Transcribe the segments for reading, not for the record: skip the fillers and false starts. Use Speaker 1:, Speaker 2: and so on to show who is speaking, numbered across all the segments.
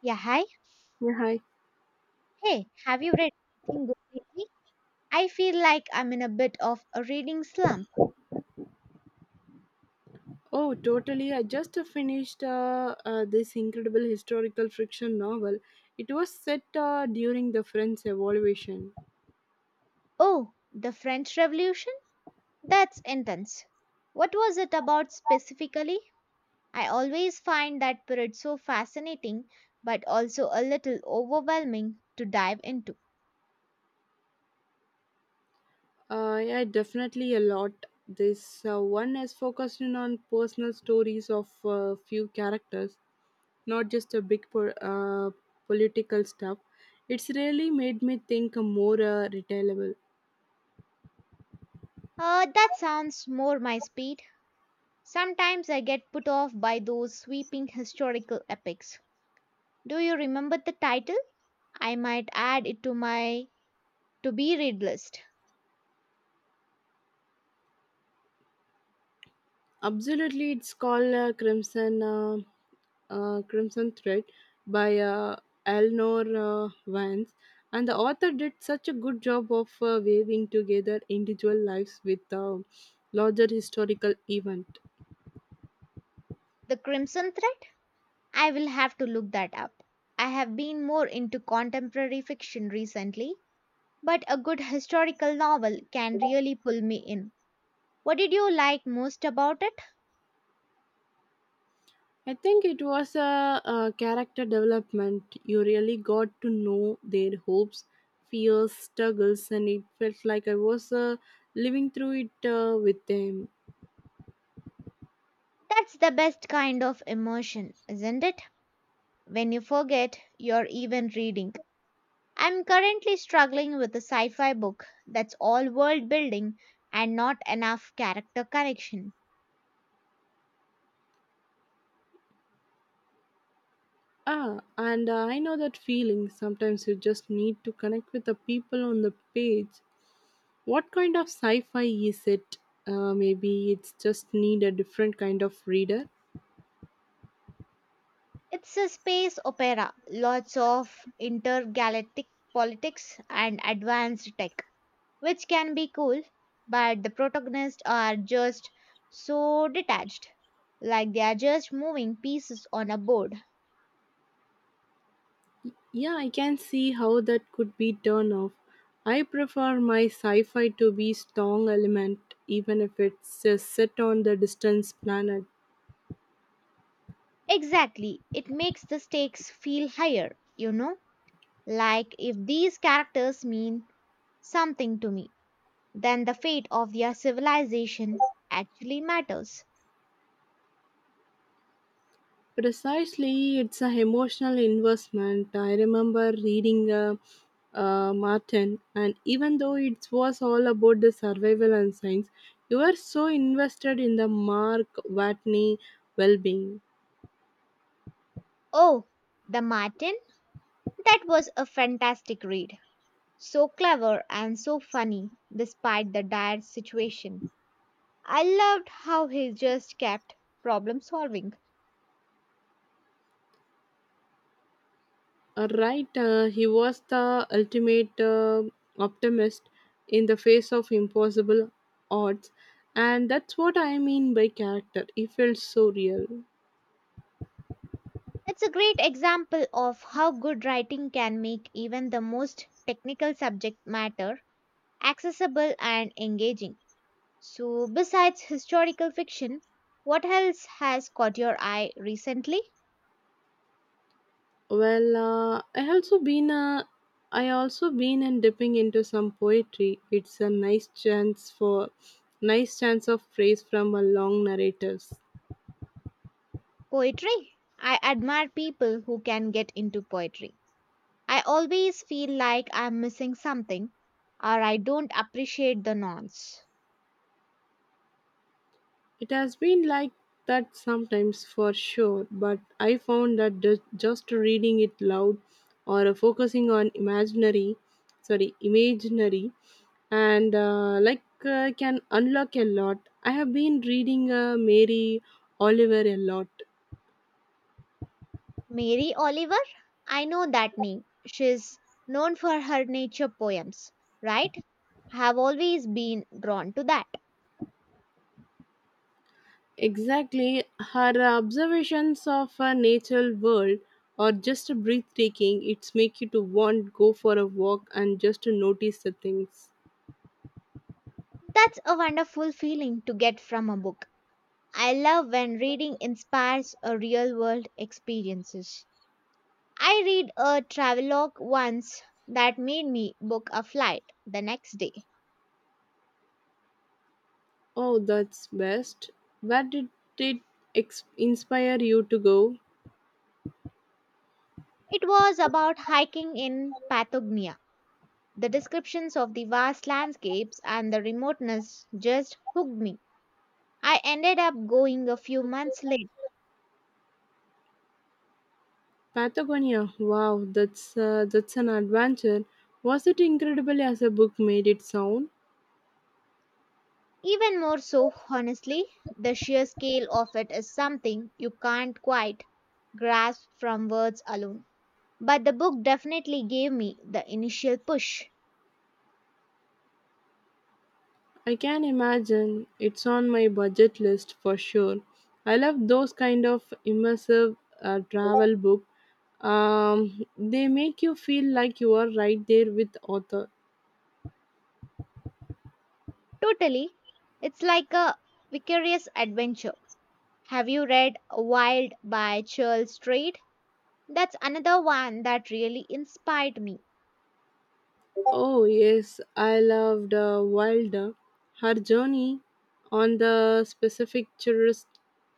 Speaker 1: Yeah, hi.
Speaker 2: Yeah, hi.
Speaker 1: Hey, have you read anything good lately? I feel like I'm in a bit of a reading slump.
Speaker 2: Oh, totally. I just finished this incredible historical fiction novel. It was set during the French Revolution.
Speaker 1: Oh, the French Revolution? That's intense. What was it about specifically? I always find that period so fascinating, but also a little overwhelming to dive into.
Speaker 2: Yeah, definitely a lot. This one is focusing on personal stories of few characters, not just a big political stuff. It's really made me think more retailable.
Speaker 1: That sounds more my speed. Sometimes I get put off by those sweeping historical epics. Do you remember the title? I might add it to my to be read list.
Speaker 2: Absolutely, it's called Crimson Thread by Eleanor Vance, and the author did such a good job of weaving together individual lives with a larger historical event.
Speaker 1: The Crimson Thread? I will have to look that up. I have been more into contemporary fiction recently, but a good historical novel can really pull me in. What did you like most about it?
Speaker 2: I think it was a character development. You really got to know their hopes, fears, struggles, and it felt like I was living through it with them.
Speaker 1: That's the best kind of immersion, isn't it? When you forget you're even reading. I'm currently struggling with a sci fi book that's all world building and not enough character connection.
Speaker 2: Ah, and I know that feeling. Sometimes you just need to connect with the people on the page. What kind of sci fi is it? Maybe it's just need a different kind of reader.
Speaker 1: It's a space opera, lots of intergalactic politics and advanced tech, which can be cool, but the protagonists are just so detached, like they are just moving pieces on a board.
Speaker 2: Yeah, I can see how that could be turn off. I prefer my sci fi to be strong element, even if it's set on the distant planet.
Speaker 1: Exactly, it makes the stakes feel higher, you know? Like if these characters mean something to me, then the fate of their civilization actually matters.
Speaker 2: Precisely, it's an emotional investment. I remember reading Martin, and even though it was all about the survival and science, you were so invested in the Mark Watney well being.
Speaker 1: Oh, the Martin? That was a fantastic read. So clever and so funny despite the dire situation. I loved how he just kept problem solving.
Speaker 2: Right, he was the ultimate optimist in the face of impossible odds, and that's what I mean by character. He felt so real.
Speaker 1: It's a great example of how good writing can make even the most technical subject matter accessible and engaging. So, besides historical fiction, what else has caught your eye recently?
Speaker 2: Well, uh, I also been uh, I also been and dipping into some poetry. It's a nice chance of praise from a long narratives.
Speaker 1: Poetry. I admire people who can get into poetry. I always feel like I'm missing something or I don't appreciate the nuance.
Speaker 2: It has been like that sometimes for sure, but I found that just reading it loud or focusing on imaginary, sorry, imaginary, and can unlock a lot. I have been reading Mary Oliver a lot.
Speaker 1: Mary Oliver? I know that name. She's known for her nature poems, right? I have always been drawn to that.
Speaker 2: Exactly, her observations of a natural world are just breathtaking. It's make you to want go for a walk and just to notice the things.
Speaker 1: That's a wonderful feeling to get from a book. I love when reading inspires a real world experiences. I read a travelogue once that made me book a flight the next day.
Speaker 2: Oh, that's best. Where did it inspire you to go?
Speaker 1: It was about hiking in Patagonia. The descriptions of the vast landscapes and the remoteness just hooked me. I ended up going a few months late.
Speaker 2: Patagonia. Wow, that's an adventure. Was it incredible as a book made it sound?
Speaker 1: Even more so, honestly, the sheer scale of it is something you can't quite grasp from words alone. But the book definitely gave me the initial push.
Speaker 2: I can imagine. It's on my budget list for sure. I love those kind of immersive travel books. They make you feel like you are right there with author.
Speaker 1: Totally. It's like a vicarious adventure. Have you read Wild by Charles Strait? That's another one that really inspired me.
Speaker 2: Oh yes, I loved Wilder. Her journey on the specific tourist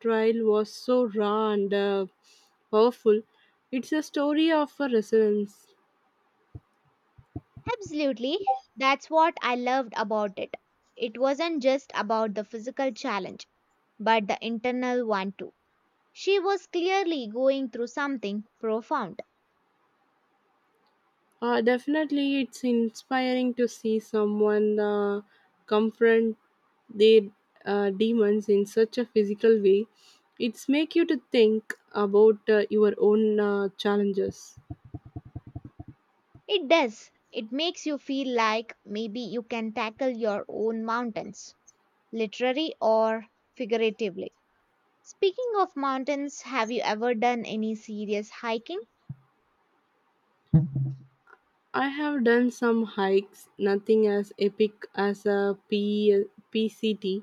Speaker 2: trial was so raw and powerful. It's a story of a resilience.
Speaker 1: Absolutely. That's what I loved about it. It wasn't just about the physical challenge, but the internal one too. She was clearly going through something profound.
Speaker 2: Definitely, it's inspiring to see someone confront their demons in such a physical way. It's make you to think about your own challenges.
Speaker 1: It does. It makes you feel like maybe you can tackle your own mountains, literally or figuratively. Speaking of mountains, have you ever done any serious hiking?
Speaker 2: I have done some hikes, nothing as epic as a PCT,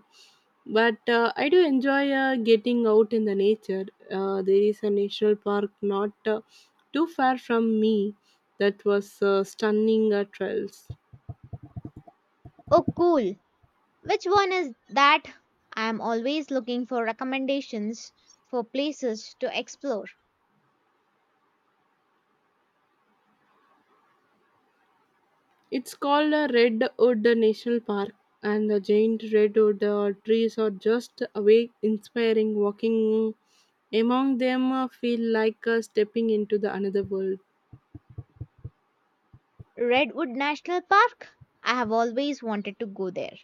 Speaker 2: but I do enjoy getting out in the nature. There is a national park not too far from me that was stunning trails.
Speaker 1: Oh, cool. Which one is that? I'm always looking for recommendations for places to explore.
Speaker 2: It's called a Redwood National Park, and the giant redwood trees are just away inspiring. Walking among them feel like stepping into the another world.
Speaker 1: Redwood National Park? I have always wanted to go there.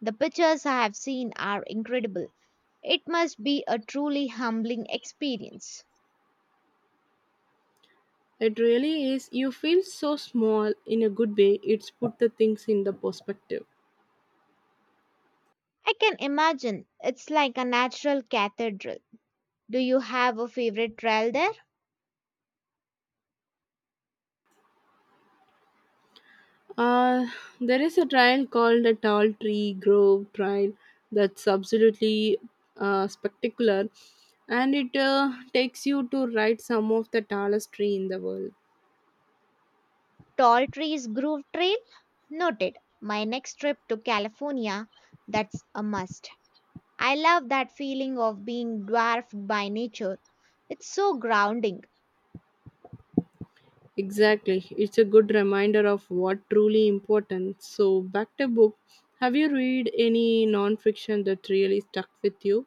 Speaker 1: The pictures I have seen are incredible. It must be a truly humbling experience.
Speaker 2: It really is. You feel so small in a good way. It's put the things in the perspective.
Speaker 1: I can imagine it's like a natural cathedral. Do you have a favorite trail there?
Speaker 2: Uh, there is a trail called the Tall Tree Grove Trail that's absolutely spectacular, and it takes you to ride some of the tallest tree in the world.
Speaker 1: Tall Trees Grove Trail? Noted. My next trip to California, that's a must. I love that feeling of being dwarfed by nature. It's so grounding.
Speaker 2: Exactly. It's a good reminder of what truly important. So back to book. Have you read any non-fiction that really stuck with you?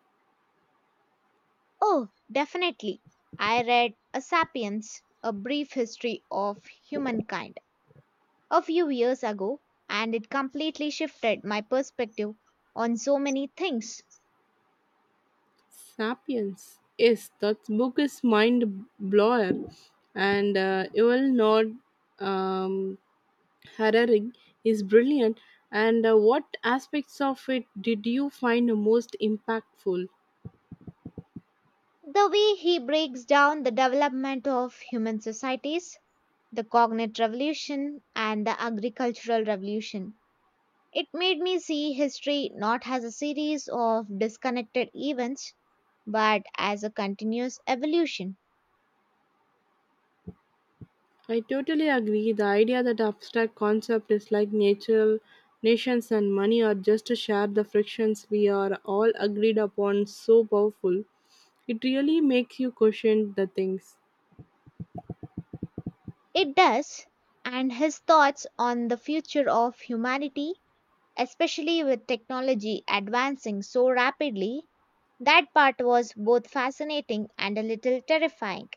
Speaker 1: Oh, definitely. I read A Sapiens, A Brief History of Humankind, a few years ago, and it completely shifted my perspective on so many things.
Speaker 2: Sapiens. Yes, that book is mind blower, and Yuval Noah um, Harari is brilliant. And what aspects of it did you find the most impactful?
Speaker 1: The way he breaks down the development of human societies, the cognitive revolution, and the agricultural revolution. It made me see history not as a series of disconnected events, but as a continuous evolution.
Speaker 2: I totally agree. The idea that abstract concept is like nature, nations and money are just to share the frictions we are all agreed upon so powerful. It really makes you question the things.
Speaker 1: It does, and his thoughts on the future of humanity, especially with technology advancing so rapidly, that part was both fascinating and a little terrifying.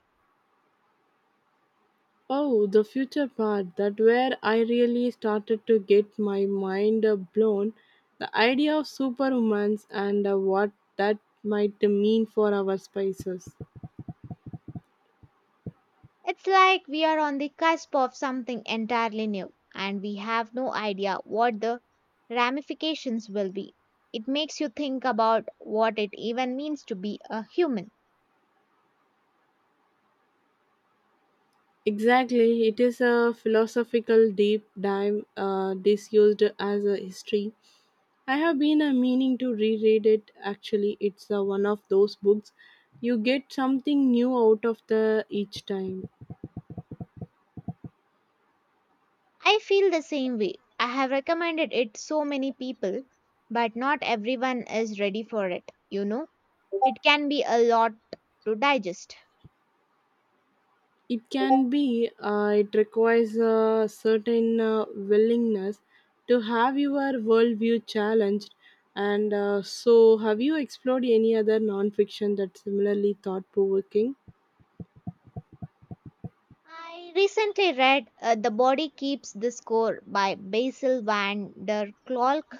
Speaker 2: Oh, the future part, that where I really started to get my mind blown. The idea of superhumans and what that might mean for our spices.
Speaker 1: It's like we are on the cusp of something entirely new and we have no idea what the ramifications will be. It makes you think about what it even means to be a human.
Speaker 2: Exactly, it is a philosophical deep dive disused as a history. I have been meaning to reread it. Actually, it's one of those books you get something new out of the each time.
Speaker 1: I feel the same way. I have recommended it so many people, but not everyone is ready for it, you know. It can be a lot to digest.
Speaker 2: It can be it requires a certain willingness to have your worldview challenged. And so, have you explored any other nonfiction that's similarly thought provoking?
Speaker 1: I recently read The Body Keeps the Score by Basil van der Kolk.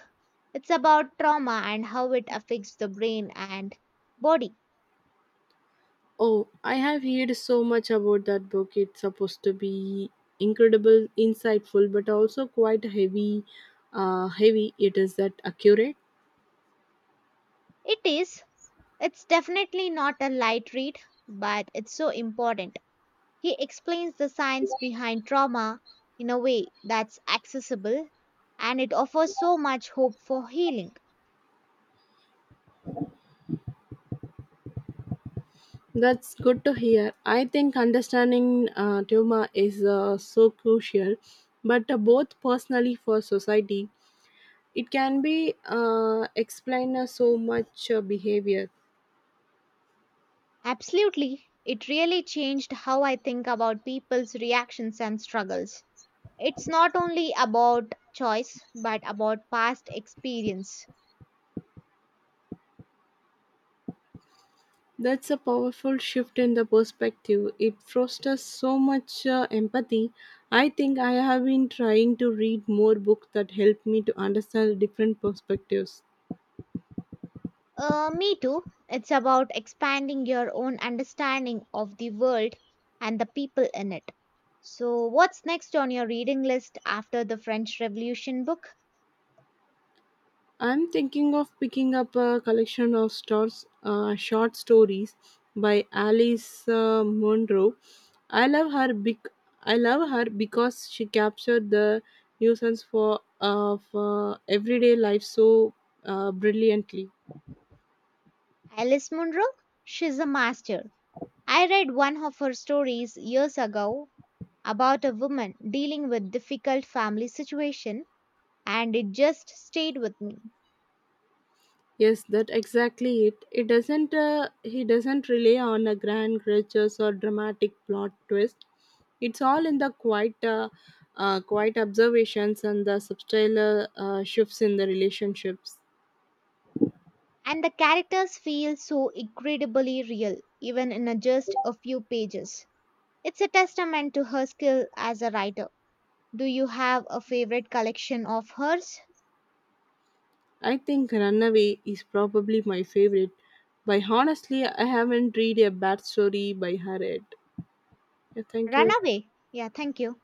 Speaker 1: It's about trauma and how it affects the brain and body.
Speaker 2: Oh, I have heard so much about that book. It's supposed to be incredible, insightful, but also quite heavy. Heavy it is that accurate.
Speaker 1: It is, it's definitely not a light read, but it's so important. He explains the science behind trauma in a way that's accessible and it offers so much hope for healing.
Speaker 2: That's good to hear. I think understanding trauma is so crucial, but both personally for society, it can be explain so much behavior.
Speaker 1: Absolutely, it really changed how I think about people's reactions and struggles. It's not only about choice, but about past experience.
Speaker 2: That's a powerful shift in the perspective. It fosters so much empathy. I think I have been trying to read more books that help me to understand different perspectives.
Speaker 1: Me too. It's about expanding your own understanding of the world and the people in it. So, what's next on your reading list after the French Revolution book?
Speaker 2: I'm thinking of picking up a collection of stores, short stories by Alice Munro. I love her I love her because she captured the nuisance for of everyday life so brilliantly.
Speaker 1: Alice Munro? She's a master. I read one of her stories years ago about a woman dealing with difficult family situation and it just stayed with me.
Speaker 2: Yes, that exactly it. It doesn't. He doesn't rely on a grand gestures or dramatic plot twist. It's all in the quiet observations and the subtle shifts in the relationships.
Speaker 1: And the characters feel so incredibly real, even in a just a few pages. It's a testament to her skill as a writer. Do you have a favorite collection of hers?
Speaker 2: I think Runaway is probably my favorite. By honestly, I haven't read a bad story by her yet. Yeah, thank you.
Speaker 1: Runaway. Yeah, thank you.